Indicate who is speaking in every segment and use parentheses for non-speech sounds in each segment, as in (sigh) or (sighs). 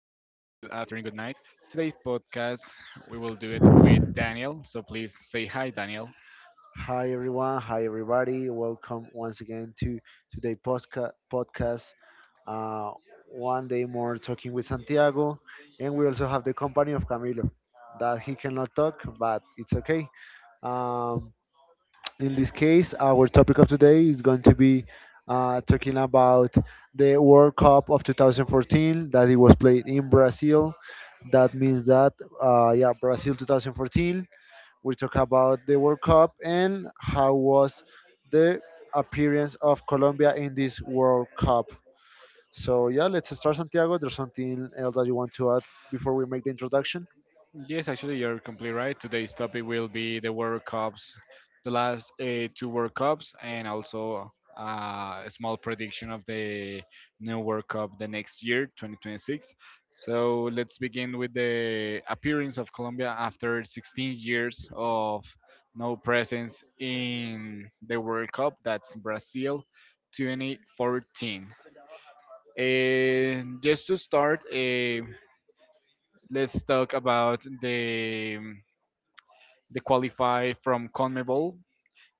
Speaker 1: afternoon, good night. Today's podcast, we will do it with Daniel. So please say hi, Daniel.
Speaker 2: Hi everyone, hi everybody. Welcome once again to podcast. Uh, One day more talking with Santiago, and we also have the company of Camilo, that he cannot talk, but it's okay. Um, in this case, our topic of today is going to be talking about the World Cup of 2014 that it was played in Brazil. That means that yeah, Brazil 2014. We talk about the World Cup and how was the appearance of Colombia in this World Cup. So yeah, let's start Santiago. There's something else that you want to add before we make the introduction?
Speaker 1: Yes, actually, you're completely right. Today's topic will be the World Cups, the last two World Cups, and also a small prediction of the new World Cup the next year, 2026. So let's begin with the appearance of Colombia after 16 years of no presence in the World Cup. That's Brazil 2014. And just to start, let's talk about they qualify from CONMEBOL.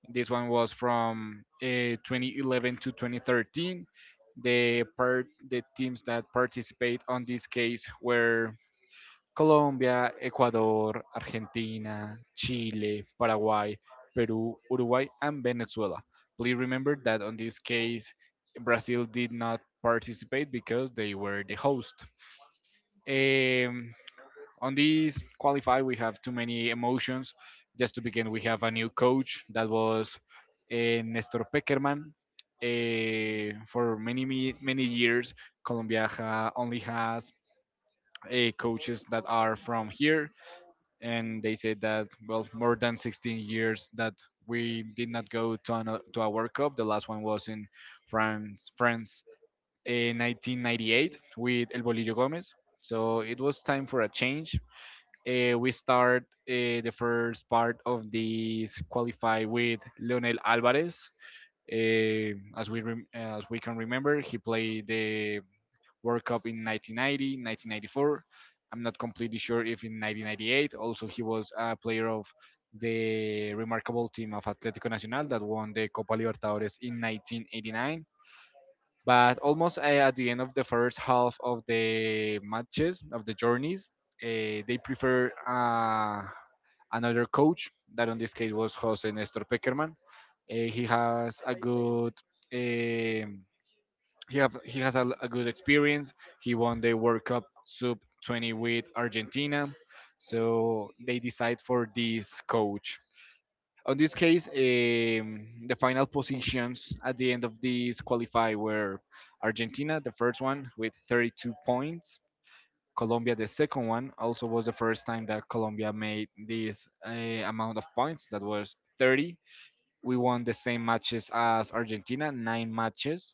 Speaker 1: This one was from 2011 to 2013. The teams that participate on this case were Colombia, Ecuador, Argentina, Chile, Paraguay, Peru, Uruguay, and Venezuela. Please remember that on this case, Brazil did not participate because they were the host. Um, on this qualify, we have too many emotions. Just to begin, we have a new coach that was Nestor Peckerman. For many years, Colombia only has coaches that are from here, and they said that well, more than 16 years that we did not go to a World Cup. The last one was in France in 1998 with El Bolillo Gomez. So it was time for a change. We start the first part of this qualify with Leonel Alvarez. As we can remember, he played the World Cup in 1990, 1994. I'm not completely sure if in 1998. Also, he was a player of the remarkable team of Atlético Nacional that won the Copa Libertadores in 1989. But almost at the end of the first half of the matches of the journeys, they prefer another coach that in this case was Jose Nestor Peckerman. He has a good um he have he has a good experience. He won the World Cup sub 20 with Argentina, so they decide for this coach. On this case, the final positions at the end of this qualify were Argentina, the first one with 32 points. Colombia, the second one, also was the first time that Colombia made this amount of points. That was 30. We won the same matches as Argentina, nine matches.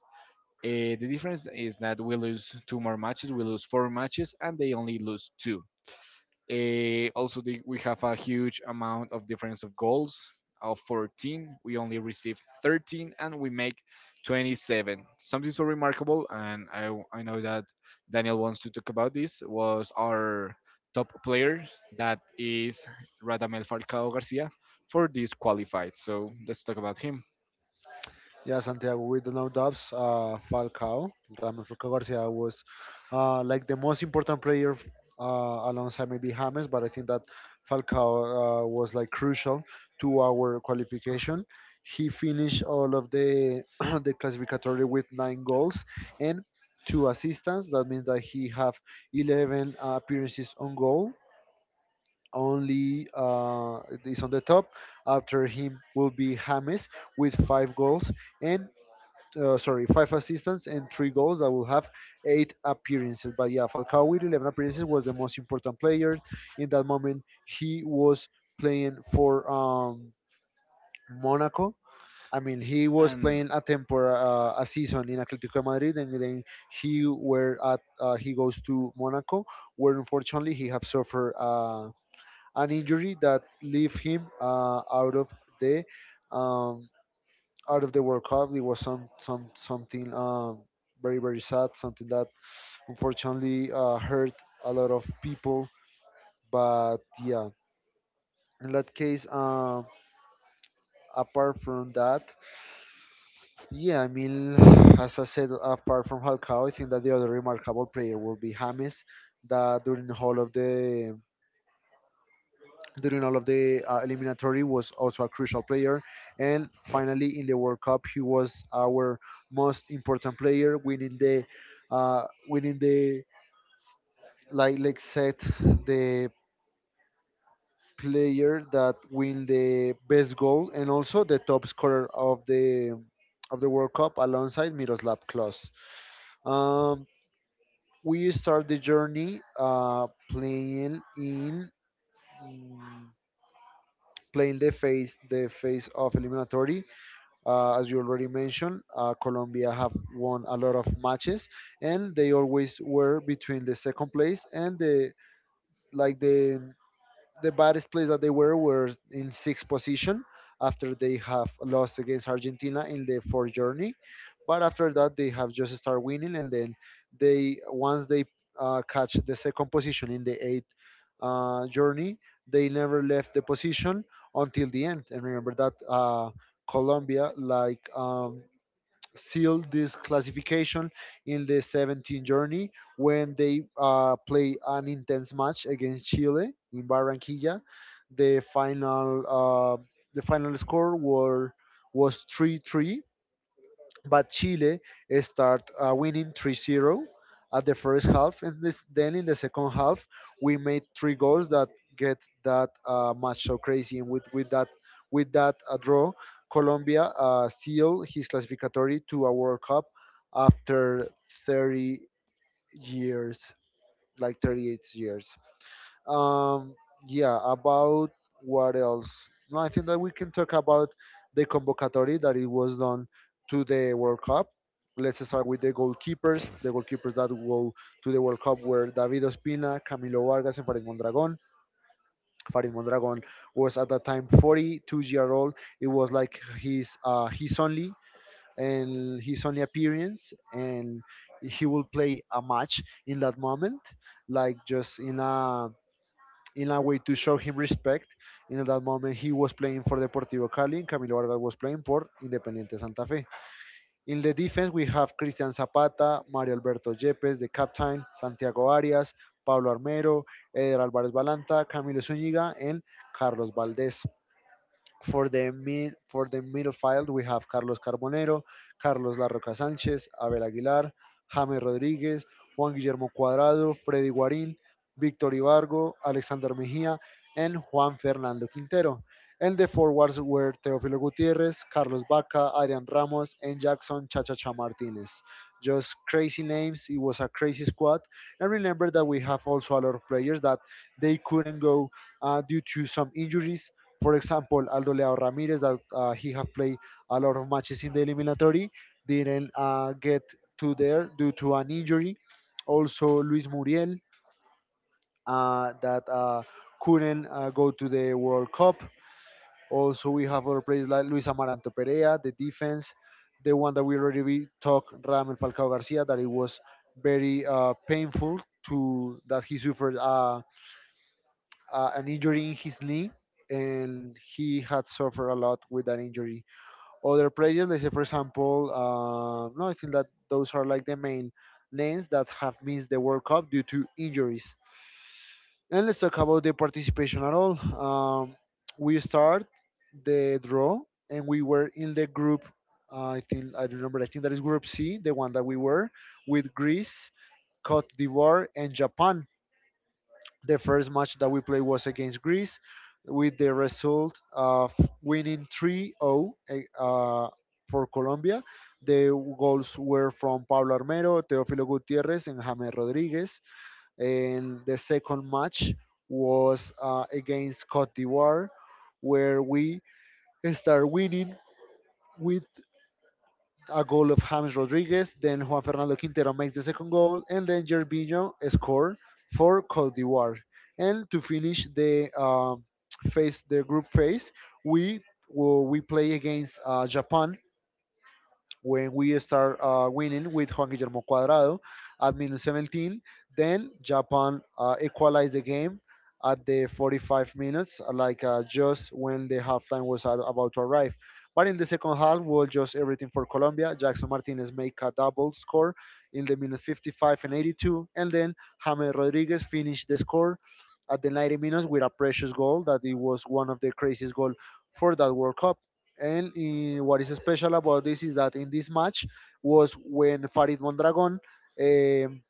Speaker 1: The difference is that we lose two more matches. We lose four matches, and they only lose two. Also, we have a huge amount of difference of goals of 14. We only received 13 and we make 27. Something so remarkable, and I know that Daniel wants to talk about this, was our top player, that is Radamel Falcao Garcia, for this qualified. So let's talk about him.
Speaker 2: Yeah, Santiago, with no doubts, Falcao, Ramon Falcao Garcia was like the most important player alongside maybe James, but I think that Falcao was like crucial to our qualification. He finished all of the (clears throat) the classificatory with nine goals and two assists. That means that he have 11 appearances on goal. Only is on the top. After him will be James with five goals and five assists and three goals. I will have eight appearances. But yeah, Falcao with 11 appearances was the most important player in that moment. He was playing for Monaco. I mean, he was
Speaker 1: And
Speaker 2: playing a season in Atletico de Madrid, and then he were at he goes to Monaco, where unfortunately he have suffered an injury that leave him the um, out of the World Cup. It was something very very sad, something that unfortunately hurt a lot of people. But yeah, in that case, apart from that, yeah, I mean, (sighs) as I said, apart from Falcao, I think that the other remarkable player will be James. That during the whole of the during all of the eliminatory was also a crucial player, and finally in the World Cup he was our most important player winning the uh, winning the like said the player that win the best goal and also the top scorer of the World Cup alongside Miroslav Klose. um, we start the journey playing in mm, playing the face of eliminatory. As you already mentioned, Colombia have won a lot of matches, and they always were between the second place and like the the baddest place that they were in sixth position after they have lost against Argentina in the fourth journey. But after that, they have just started winning, and then they once they catch the second position in the eighth journey, they never left the position until the end. And remember that Colombia, like sealed this classification in the 17th journey when they play an intense match against Chile in Barranquilla. The final uh, the final score were was 3-3, but Chile start winning 3-0 at the first half, and then in the second half we made three goals that get that match so crazy. And with that draw, Colombia sealed his classificatory to a World Cup after 30 years, like 38 years. Um, yeah, about what else? No, I think that we can talk about the convocatory that it was done to the World Cup. Let's start with the goalkeepers. The goalkeepers that go to the World Cup were David Ospina, Camilo Vargas, and Farid Mondragon. Farid Mondragon was at that time 42-year-old. It was like his only appearance, and he will play a match in that moment, like just in a way to show him respect. And at that moment, he was playing for Deportivo Cali, and Camilo Vargas was playing for Independiente Santa Fe. In the defense, we have Cristian Zapata, Mario Alberto Yepes, the captain, Santiago Arias, Pablo Armero, Eder Álvarez Balanta, Camilo Zúñiga, and Carlos Valdés. For the middle field, we have Carlos Carbonero, Carlos La Roca Sánchez, Abel Aguilar, James Rodríguez, Juan Guillermo Cuadrado, Freddy Guarín, Víctor Ibargo, Alexander Mejía, and Juan Fernando Quintero. And the forwards were Teófilo Gutiérrez, Carlos Vaca, Adrian Ramos, and Jackson Chachacha Martinez. Just crazy names. It was a crazy squad. And remember that we have also a lot of players that they couldn't go due to some injuries. For example, Aldo Leao Ramirez, that he have played a lot of matches in the eliminatory, didn't get to there due to an injury. Also, Luis Muriel, that couldn't go to the World Cup. Also, we have other players like Luis Amaranto Perea, the defense, the one that we already we talked, Ramel Falcao Garcia, that it was very painful to that he suffered an injury in his knee and he had suffered a lot with that injury. Other players, let's say for example, no, I think that those are like the main names that have missed the World Cup due to injuries. And let's talk about the participation at all. We start the draw, and we were in the group. I think I don't remember. I think that is Group C, the one that we were with Greece, Cote d'Ivoire, and Japan. The first match that we played was against Greece with the result of winning 3-0 uh, for Colombia. The goals were from Pablo Armero, Teofilo Gutierrez, and James Rodriguez. And the second match was against Cote d'Ivoire, where we start winning with a goal of James Rodriguez. Then Juan Fernando Quintero makes the second goal, and then Gervinho score for Cote d'Ivoire. And to finish the group phase, we well, we play against Japan when we start winning with Juan Guillermo Cuadrado at minute 17. Then Japan equalized the game at the 45 minutes, just when the halftime was about to arrive. But in the second half, was just everything for Colombia. Jackson Martinez make a double score in the minute 55 and 82, and then James Rodriguez finished the score at the 90 minutes with a precious goal that it was one of the craziest goal for that World Cup. And eh, what is special about this is that in this match was when Farid Mondragon um,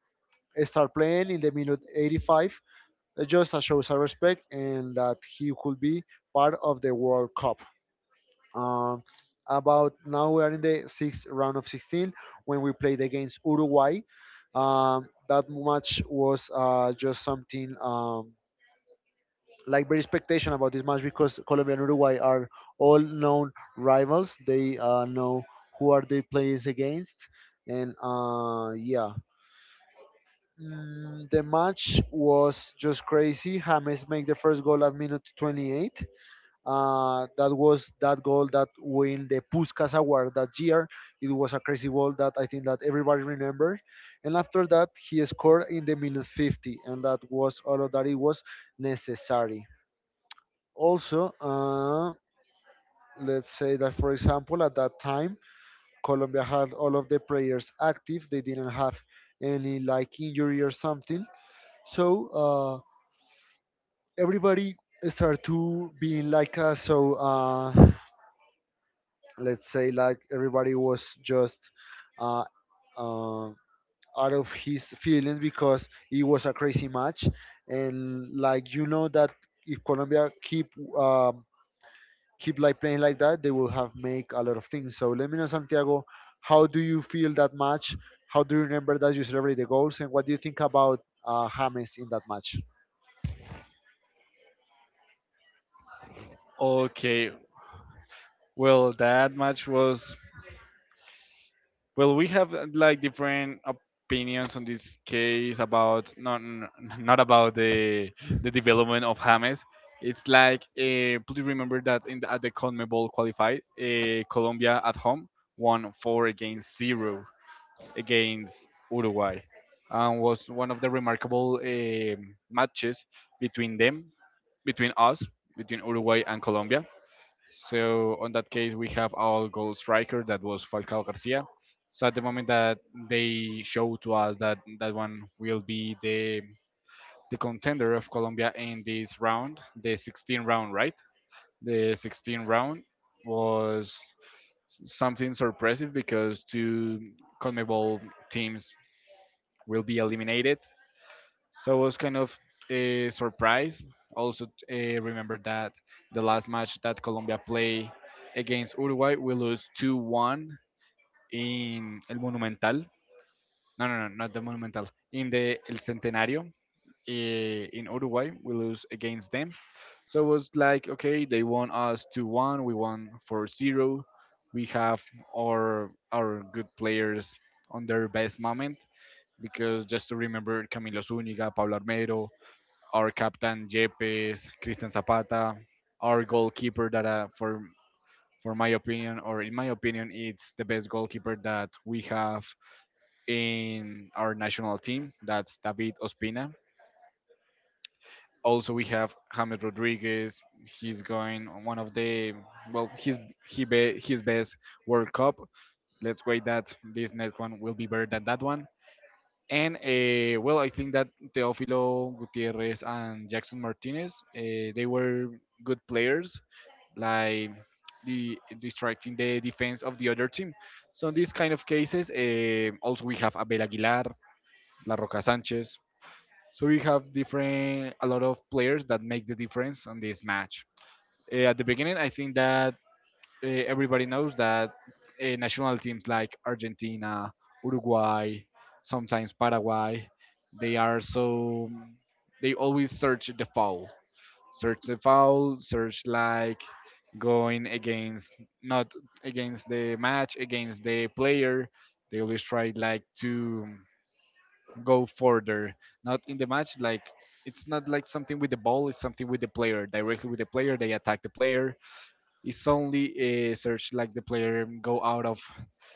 Speaker 2: started playing in the minute 85, just as shows our respect and that he could be part of the World Cup. Um, about now we are in the sixth round of 16 when we played against Uruguay. That match was just something. Like very expectation about this match because Colombia and Uruguay are all known rivals. They know who are they players against, and yeah, mm, the match was just crazy. James make the first goal at minute 28. That was that goal that win the Puskas Award that year. It was a crazy goal that I think that everybody remember. And after that, he scored in the minute 50, and that was all of that it was necessary. Also, let's say that, for example, at that time, Colombia had all of the players active. They didn't have any like injury or something. So everybody started to being like us. So let's say like everybody was just uh, uh, out of his feelings because it was a crazy match, and like you know that if Colombia um keep like playing like that, they will have make a lot of things. So let me know, Santiago, how do you feel that match? How do you remember that you celebrate the goals, and what do you think about James in that match?
Speaker 1: okay, well, that match was. Well, we have like different opinions on this case about not n- (laughs) not about the development of James. It's like please remember that in at the CONMEBOL qualified, Colombia at home won four against zero against Uruguay, and was one of the remarkable matches between them, between us, between Uruguay and Colombia. So on that case, we have our goal striker that was Falcao Garcia. So at the moment that they show to us that that one will be the contender of Colombia in this round, the 16 round, right? The 16 round was something surprising because two CONMEBOL teams will be eliminated. So I was kind of surprised. Also, remember that the last match that Colombia played against Uruguay, we lose 2-1 in El Monumental. No, no, no, not the Monumental. In the El Centenario in Uruguay, we lose against them. So it was like, okay, they won us 2-1, we won 4-0. We have our good players on their best moment because just to remember Camilo Zúñiga, Pablo Armero, our captain Yepes, Christian Zapata, our goalkeeper that , for my opinion or in my opinion it's the best goalkeeper that we have in our national team. That's David Ospina. Also we have James Rodriguez. He's going on one of the well his best World Cup. Let's wait that this next one will be better than that one. And well, I think that Teofilo Gutierrez and Jackson Martinez, they were good players, like the distracting the defense of the other team. So in these kind of cases, also we have Abel Aguilar, La Roca Sanchez. So we have different a lot of players that make the difference on this match. At the beginning, I think that everybody knows that national teams like Argentina, Uruguay, sometimes Paraguay, they are so they always search the foul, search the foul, search like going against not against the match, against the player. They always try like to go further, not in the match. Like it's not like something with the ball; it's something with the player directly with the player. They attack the player, it's only a search like the player go out of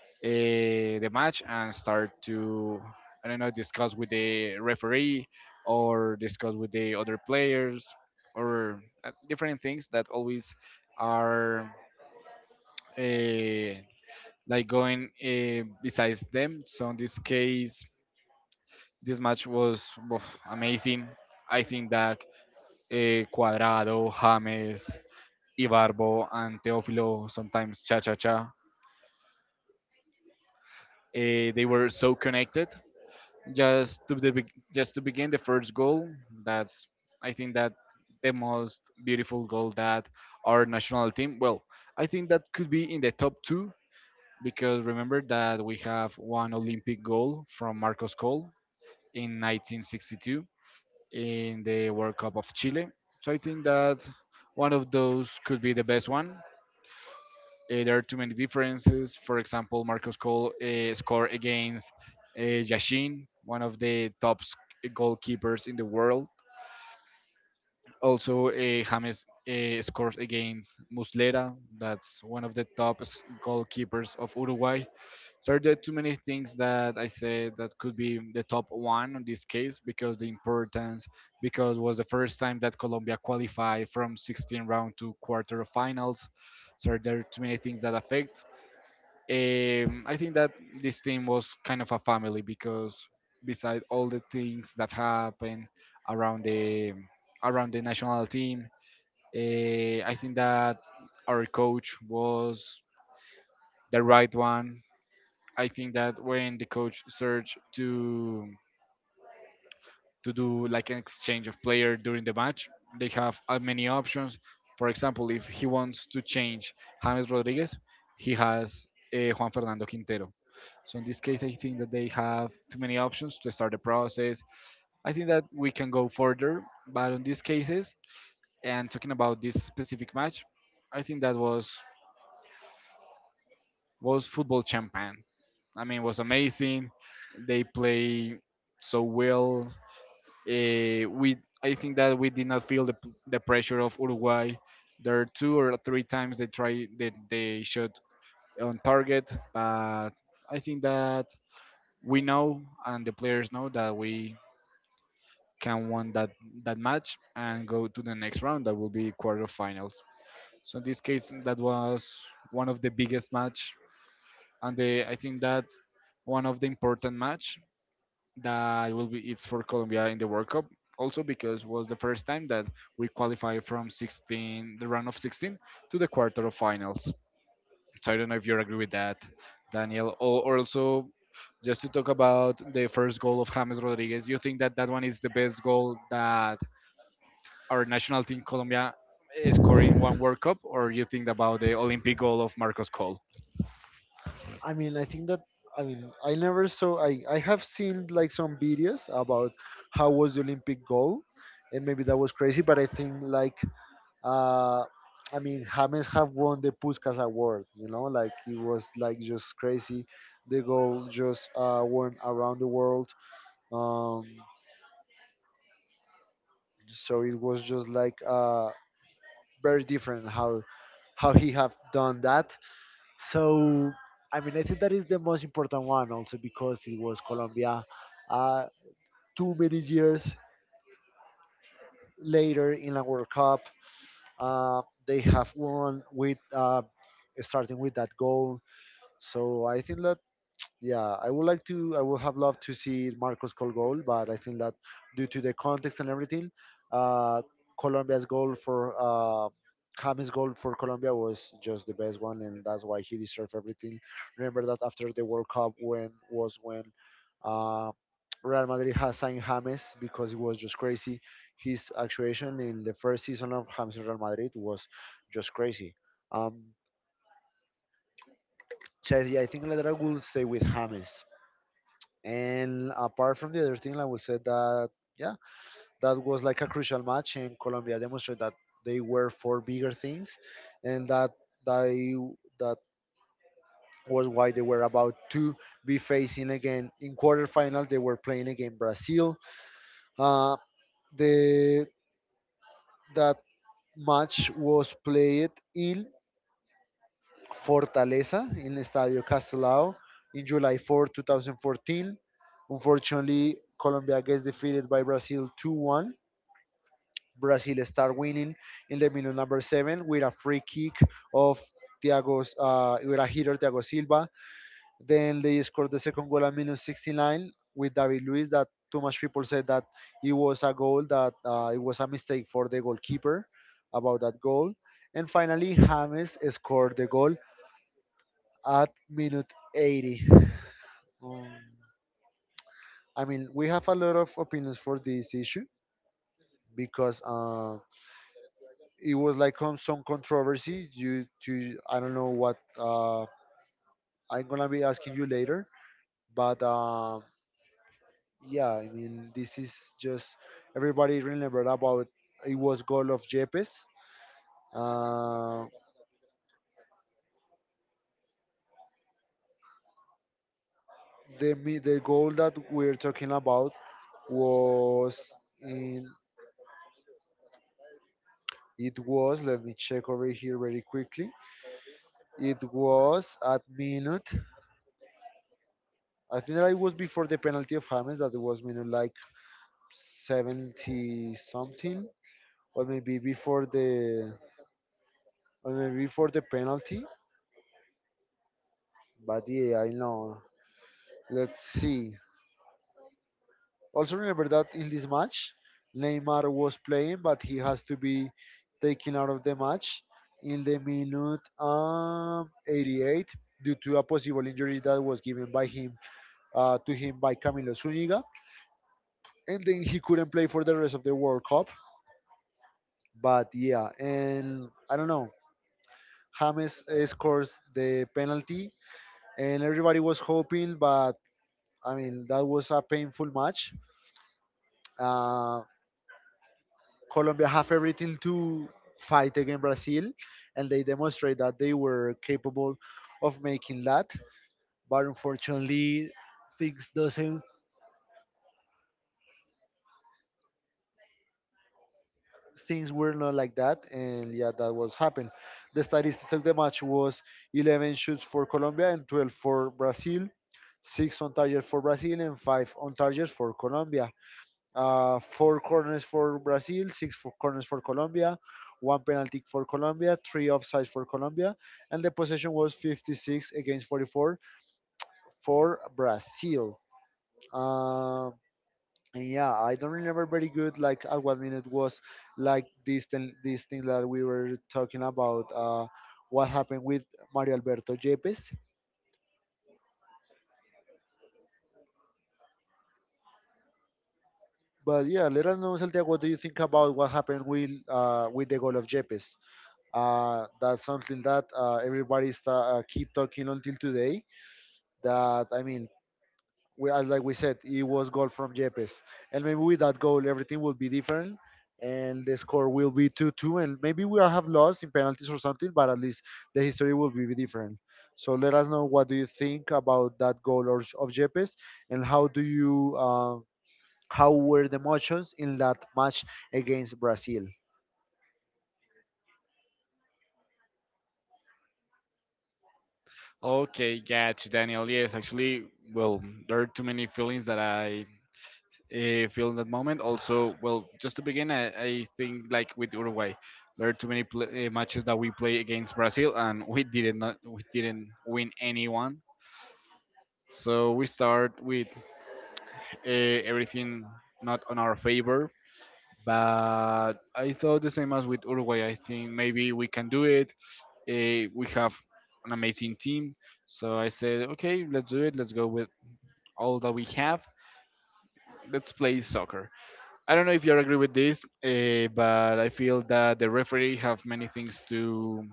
Speaker 1: the match and start to I don't know discuss with the referee or discuss with the other players or different things that always are uh, like going besides them. So in this case, this match was woof, amazing. I think that Cuadrado, James, Ibarbo, and Teófilo, sometimes Cha Cha Cha, they were so connected. Just to begin the first goal, that's I think that the most beautiful goal that our national team. Well, I think that could be in the top two because remember that we have one Olympic goal from Marcos Cole in 1962 in the World Cup of Chile. So I think that one of those could be the best one. There are too many differences. For example, Marcos Cole scored against Yashin, one of the top goalkeepers in the world. Also, James scores against Muslera, that's one of the top goalkeepers of Uruguay. So there are too many things that I said that could be the top one in this case because the importance because it was the first time that Colombia qualified from 16 round to quarterfinals. So there are too many things that affect. I think that this team was kind of a family because beside all the things that happen around the national team, I think that our coach was the right one. I think that when the coach searched to do like an exchange of player during the match. They have many options. For example, if he wants to change James Rodriguez, he has Juan Fernando Quintero. So in this case, I think that they have too many options to start the process. I think that we can go further, but in these cases, and talking about this specific match, I think that was football champagne. I mean, it was amazing. They play so well. We I think that we did not feel the pressure of Uruguay. There are two or three times they try that they shot on target, but I think that we know and the players know that we can win that match and go to the next round. That will be quarterfinals. So in this case, that was one of the biggest match, and the, I think that one of the important match that will be it's for Colombia in the World Cup also because was the first time that we qualified from 16 the round of 16 to the quarter of finals. So I don't know if you agree with that, Daniel. Or also just to talk about the first goal of James Rodriguez, you think that that one is the best goal that our national team Colombia is scoring one World Cup, or you think about the Olympic goal of Marcos Cole?
Speaker 2: I mean, I think that I never saw I have seen like some videos about how was the Olympic goal, and maybe that was crazy, but I think like uh. I mean, James have won the Puskas Award, you know, like it was like just crazy. The goal just won around the world. Um, so it was just like very different how he have done that. So I mean, I think that is the most important one also because it was Colombia. Uh, too many years later in the World Cup, uh, they have won with starting with that goal. So I think that yeah, I would like to. I would have loved to see Marcos score goal, but I think that due to the context and everything, uh, Colombia's goal for James' goal for Colombia was just the best one, and that's why he deserved everything. Remember that after the World Cup, when was when uh, Real Madrid has signed James because it was just crazy. His actuation in the first season of James in Real Madrid was just crazy. Um, so yeah, I think Ledra will stay with James. And apart from the other thing, I would say that yeah, that was like a crucial match, and Colombia demonstrated that they were for bigger things, and they that was why they were about to be facing again in quarterfinals. They were playing against Brazil. Uh, the that match was played in Fortaleza in Estadio Castelao in July 4, 2014. Unfortunately, Colombia gets defeated by Brazil 2-1. Brazil start winning in the minute number seven with a free kick of with a hitter Thiago Silva. Then they scored the second goal at minute 69 with David Luiz. That too much people said that it was a goal that it was a mistake for the goalkeeper about that goal. And finally, James scored the goal at minute 80. Um, I mean, we have a lot of opinions for this issue because it was like some controversy due to I don't know what. I'm gonna be asking you later, but yeah, I mean this is just everybody remember about it was goal of Jepes. Uh, the goal that we're talking about was in It was let me check over here very quickly. It was at minute. I think that it was before the penalty of James that was minute like 70 something or maybe before the penalty. But yeah, I know. Let's see. Also remember that in this match, Neymar was playing, but he has to be taken out of the match in the minute 88 due to a possible injury that was given by him to him by Camilo Zuniga, and then he couldn't play for the rest of the World Cup. But yeah, and I don't know. James scores the penalty and everybody was hoping, but I mean that was a painful match. Uh, Colombia have everything to fight against Brazil, and they demonstrate that they were capable of making that. But unfortunately, things doesn't things were not like that, and yeah, that was happened. The statistics of the match was 11 shoots for Colombia and 12 for Brazil. Six on target for Brazil and five on target for Colombia. Four corners for Brazil, six for corners for Colombia, one penalty kick for Colombia, three offsides for Colombia, and the possession was 56 against 44 for Brazil. Um, and yeah, I don't remember very good like at what minute was like this thing that we were talking about. What happened with Mario Alberto Yepes? But yeah, let us know, Santiago, what do you think about what happened with the goal of Yepes? That's something that everybody keep talking until today. That I mean, we, as like we said, it was goal from Yepes, and maybe with that goal, everything will be different, and the score will be two-two, and maybe we'll have lost in penalties or something, but at least the history will be different. So let us know what do you think about that goal of Yepes, and how do you how were the emotions in that match against Brazil?
Speaker 1: Okay, gotcha, Daniel. Yes, actually, well, there are too many feelings that I feel in that moment. Also, well, just to begin, I think like with Uruguay, there are too many matches that we play against Brazil, and we didn't win anyone. So we start with uh, everything not on our favor. But I thought the same as with Uruguay. I think maybe we can do it. We have an amazing team. So I said, okay, let's do it. Let's go with all that we have. Let's play soccer. I don't know if you agree with this, but I feel that the referee have many things to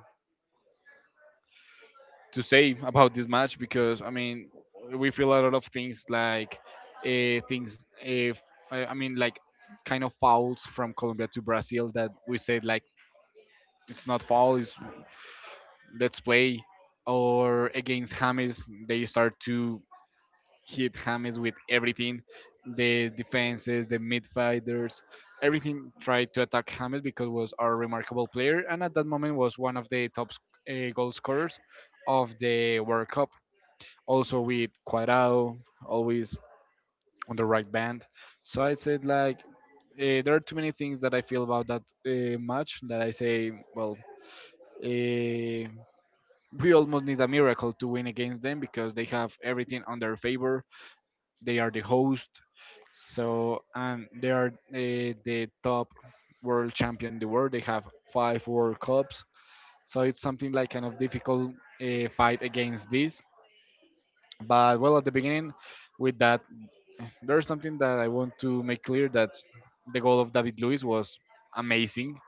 Speaker 1: say about this match because I mean we feel a lot of things like things if I mean like kind of fouls from Colombia to Brazil that we said like it's not foul, it's let's play or against James. They start to hit James with everything, the defenses, the mid fighters, everything tried to attack James because was a remarkable player and at that moment was one of the top goal scorers of the World Cup. Also with Cuadrado, always on the right band. So I said like there are too many things that I feel about that match that I say well. Uh, we almost need a miracle to win against them because they have everything on their favor, they are the host. So and they are the top world champion in the world. They have five World Cups. So it's something like kind of difficult fight against this. But well, at the beginning, with that, there's something that I want to make clear, that the goal of David Luiz was amazing.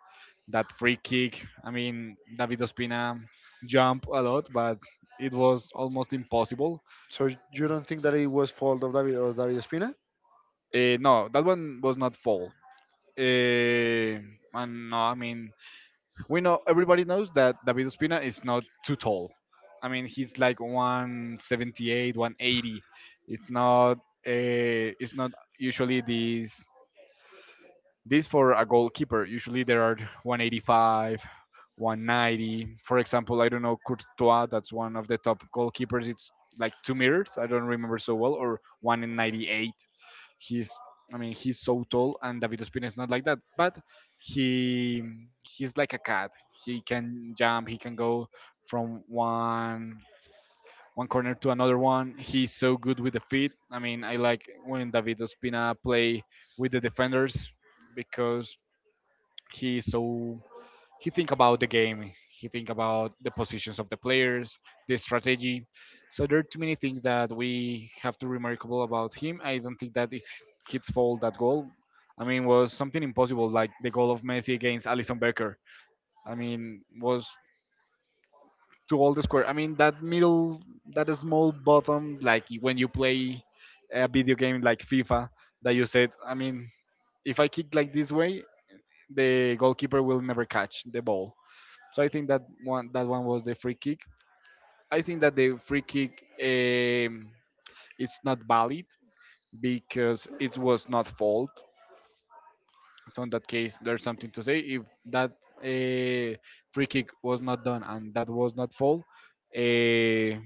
Speaker 1: That free kick, I mean, David Ospina jumped a lot, but it was almost impossible.
Speaker 2: So you don't think that it was fault of David or David Espina?
Speaker 1: Eh, no, that one was not fault. Uh, and no, I mean, we know, everybody knows that David Ospina is not too tall. I mean, he's like 178, 180. It's not. It's not usually this for a goalkeeper. Usually there are 185, 190. For example, I don't know Courtois. That's one of the top goalkeepers. It's like 2 meters. I don't remember so well, or 198. He's, I mean, he's so tall, and David Ospina is not like that. But he he's like a cat. He can jump. He can go from one corner to another one. He's so good with the feet. I mean, I like when David Ospina play with the defenders because he so he think about the game, he think about the positions of the players, the strategy. So there are too many things that we have to remarkable about him. I don't think that it's his fault that goal. I mean, was something impossible, like the goal of Messi against Alison Becker. I mean, was to all the square, I mean that middle, that small bottom, like when you play a video game like FIFA, that you said, I mean, if I kick like this way, the goalkeeper will never catch the ball. So I think that one was the free kick. I think that the free kick um, it's not valid because it was not fault. So in that case, there's something to say. If that uh, free kick was not done and that was not fault, uh,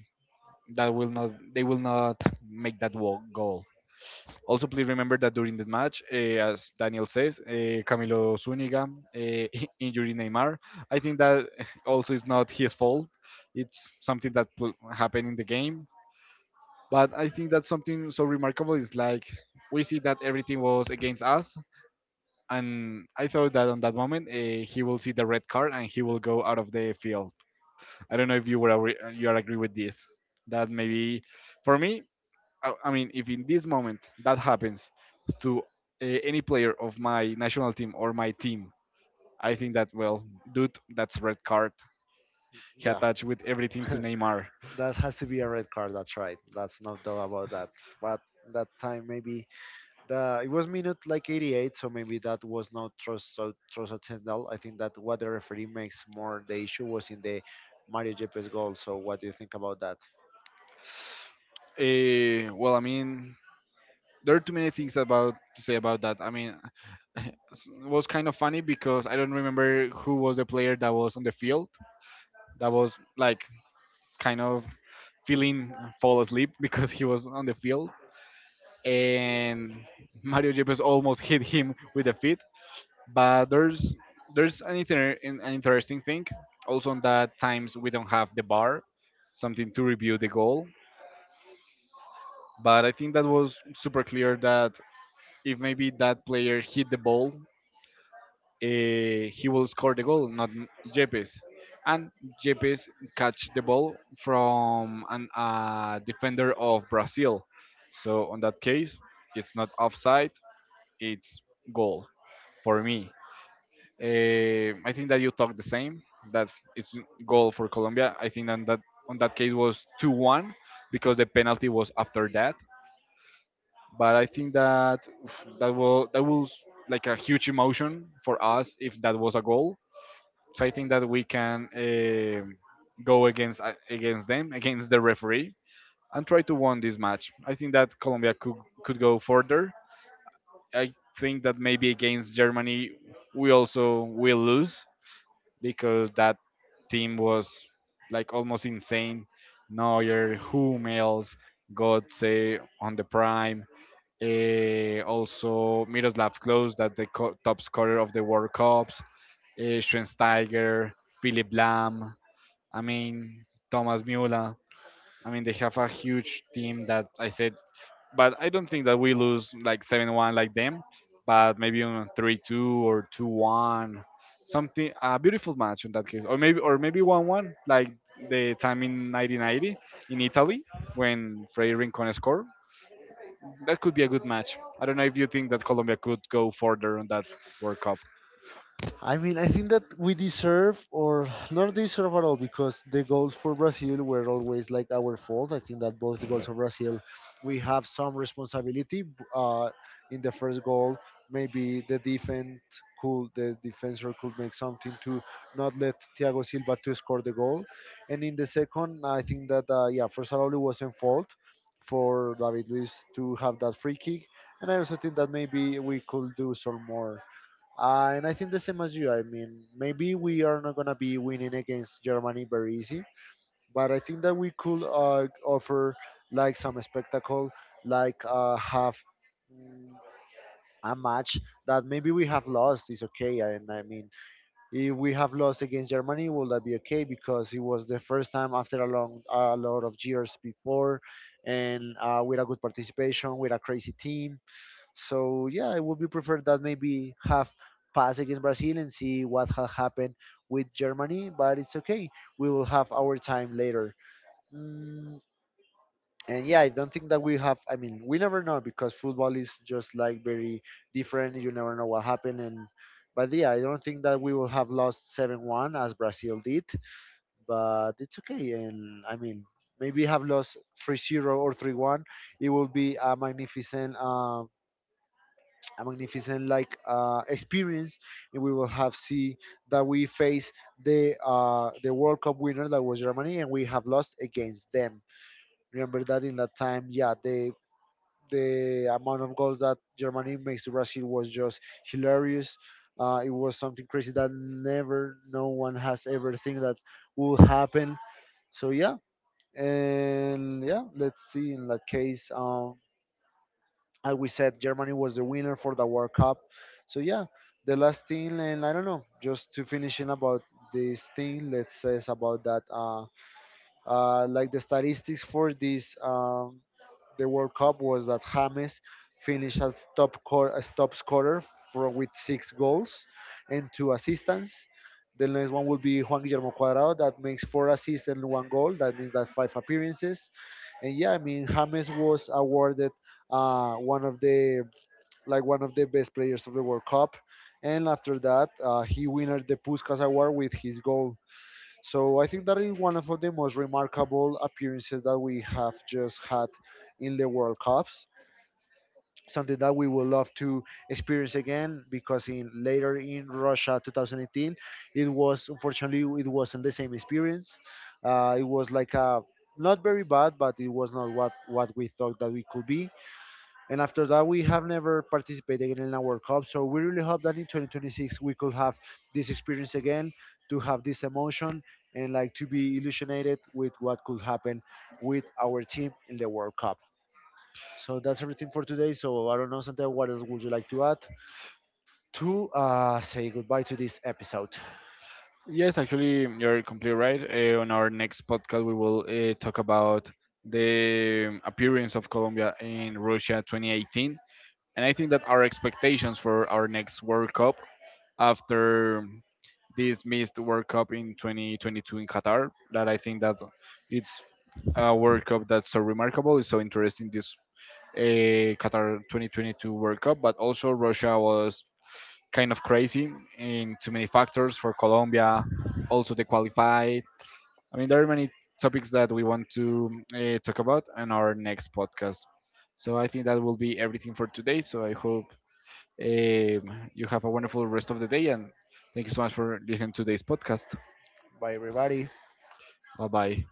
Speaker 1: that will not, make that goal. Also, please remember that during the match, eh, as Daniel says, eh, Camilo Zuniga eh, (laughs) injured Neymar. I think that (laughs) also is not his fault. It's something that happened in the game. But I think that something so remarkable is like we see that everything was against us, and I thought that on that moment eh, he will see the red card and he will go out of the field. I don't know if you are agree with this. That maybe for me, I mean, if in this moment that happens to any player of my national team or my team, I think that well, dude, that's red card. He
Speaker 2: Yeah.
Speaker 1: attached with everything to
Speaker 2: (laughs)
Speaker 1: Neymar.
Speaker 2: That has to be a red card. That's right. That's no doubt about that. But that time maybe the it was minute like 88, so maybe that was not trust so transcendal. I think that what the referee makes more the issue was in the Mario Yepes goal. So what do you think about that?
Speaker 1: Well, I mean, there are too many things about to say about that. I mean, (laughs) it was kind of funny because I don't remember who was the player that was on the field, that was like kind of feeling fall asleep (laughs) because he was on the field and Mario Yepes almost hit him with the feet. But there's an, an interesting thing. Also on that times we don't have the bar, something to review the goal. But I think that was super clear that if maybe that player hit the ball, eh, he will score the goal, not Jepes. And Jepes catch the ball from an defender of Brazil. So on that case, it's not offside, it's goal, for me. I think that you talk the same. That it's goal for Colombia. I think on that case was 2-1 because the penalty was after that. But I think that oof, that was like a huge emotion for us if that was a goal. So I think that we can go against against them, against the referee, and try to win this match. I think that Colombia could go further. I think that maybe against Germany we also will lose because that team was like almost insane. Neuer, Hummels, Götze on the prime. Eh, also Miroslav Klose, that the top scorer of the World Cups. Schweinsteiger, Philip Lahm. I mean, Thomas Müller. I mean, they have a huge team that I said, but I don't think that we lose like 7-1 like them, but maybe on 3-2 or 2-1. Something, a beautiful match in that case. Or maybe 1-1, like the time in 1990 in Italy when Freddy Rincon scored. That could be a good match. I don't know if you think that Colombia could go further on that World Cup.
Speaker 2: I mean, I think that we deserve, or not deserve at all, because the goals for Brazil were always like our fault. I think that both the goals of Brazil, we have some responsibility. In the first goal, maybe the defense the defender could make something to not let Thiago Silva to score the goal, and in the second, I think that yeah, first of all, it was in fault for David Luiz to have that free kick, and I also think that maybe we could do some more. And I think the same as you. I mean, maybe we are not going to be winning against Germany very easy, but I think that we could offer like some spectacle, like have mm, a match that maybe we have lost is okay. And I mean, if we have lost against Germany, will that be okay? Because it was the first time after a long, a lot of years before, and with a good participation, with a crazy team. So yeah, I would be preferred that maybe have pass against Brazil and see what had happened with Germany. But it's okay. We will have our time later. Mm, and yeah, I don't think that we have. I mean, we never know because football is just like very different. You never know what happened. And but yeah, I don't think that we will have lost 7-1 as Brazil did. But it's okay. And I mean, maybe have lost 3-0 or 3-1, it will be a magnificent like experience, and we will have see that we face the World Cup winner that was Germany, and we have lost against them. Remember that in that time, yeah, the amount of goals that Germany makes to Brazil was just hilarious. It was something crazy that never no one has ever think that will happen. So yeah, and yeah, let's see in that case. As we said, Germany was the winner for the World Cup. So yeah, the last thing, and I don't know, just to finish in about this thing, let's say it's about that. Like the statistics for this the World Cup was that James finished as as top scorer with 6 goals and 2 assists. The next one will be Juan Guillermo Cuadrado that makes 4 assists and one goal. That means that five appearances. And yeah, I mean James was awarded one of the like one of the best players of the World Cup. And after that, he winned the Puskas Award with his goal. So I think that is one of the most remarkable appearances that we have just had in the World Cups. Something that we would love to experience again because in later in Russia 2018, it was unfortunately it wasn't the same experience. It was like a not very bad, but it was not what we thought that we could be. And after that, we have never participated in a World Cup. So we really hope that in 2026 we could have this experience again, to have this emotion, and like to be illuminated with what could happen with our team in the World Cup. So that's everything for today. So I don't know, Santiago, what else would you like to add to say goodbye to this episode?
Speaker 1: Yes, actually, you're completely right. On our next podcast, we will talk about the appearance of Colombia in Russia 2018. And I think that our expectations for our next World Cup after this missed World Cup in 2022 in Qatar, that I think that it's a World Cup that's so remarkable. It's so interesting, this uh, Qatar 2022 World Cup, but also Russia was kind of crazy in too many factors for Colombia, also they qualified. I mean, there are many topics that we want to talk about in our next podcast. So I think that will be everything for today. So I hope you have a wonderful rest of the day and thank you so much for listening to this podcast.
Speaker 2: Bye, everybody.
Speaker 1: Bye bye.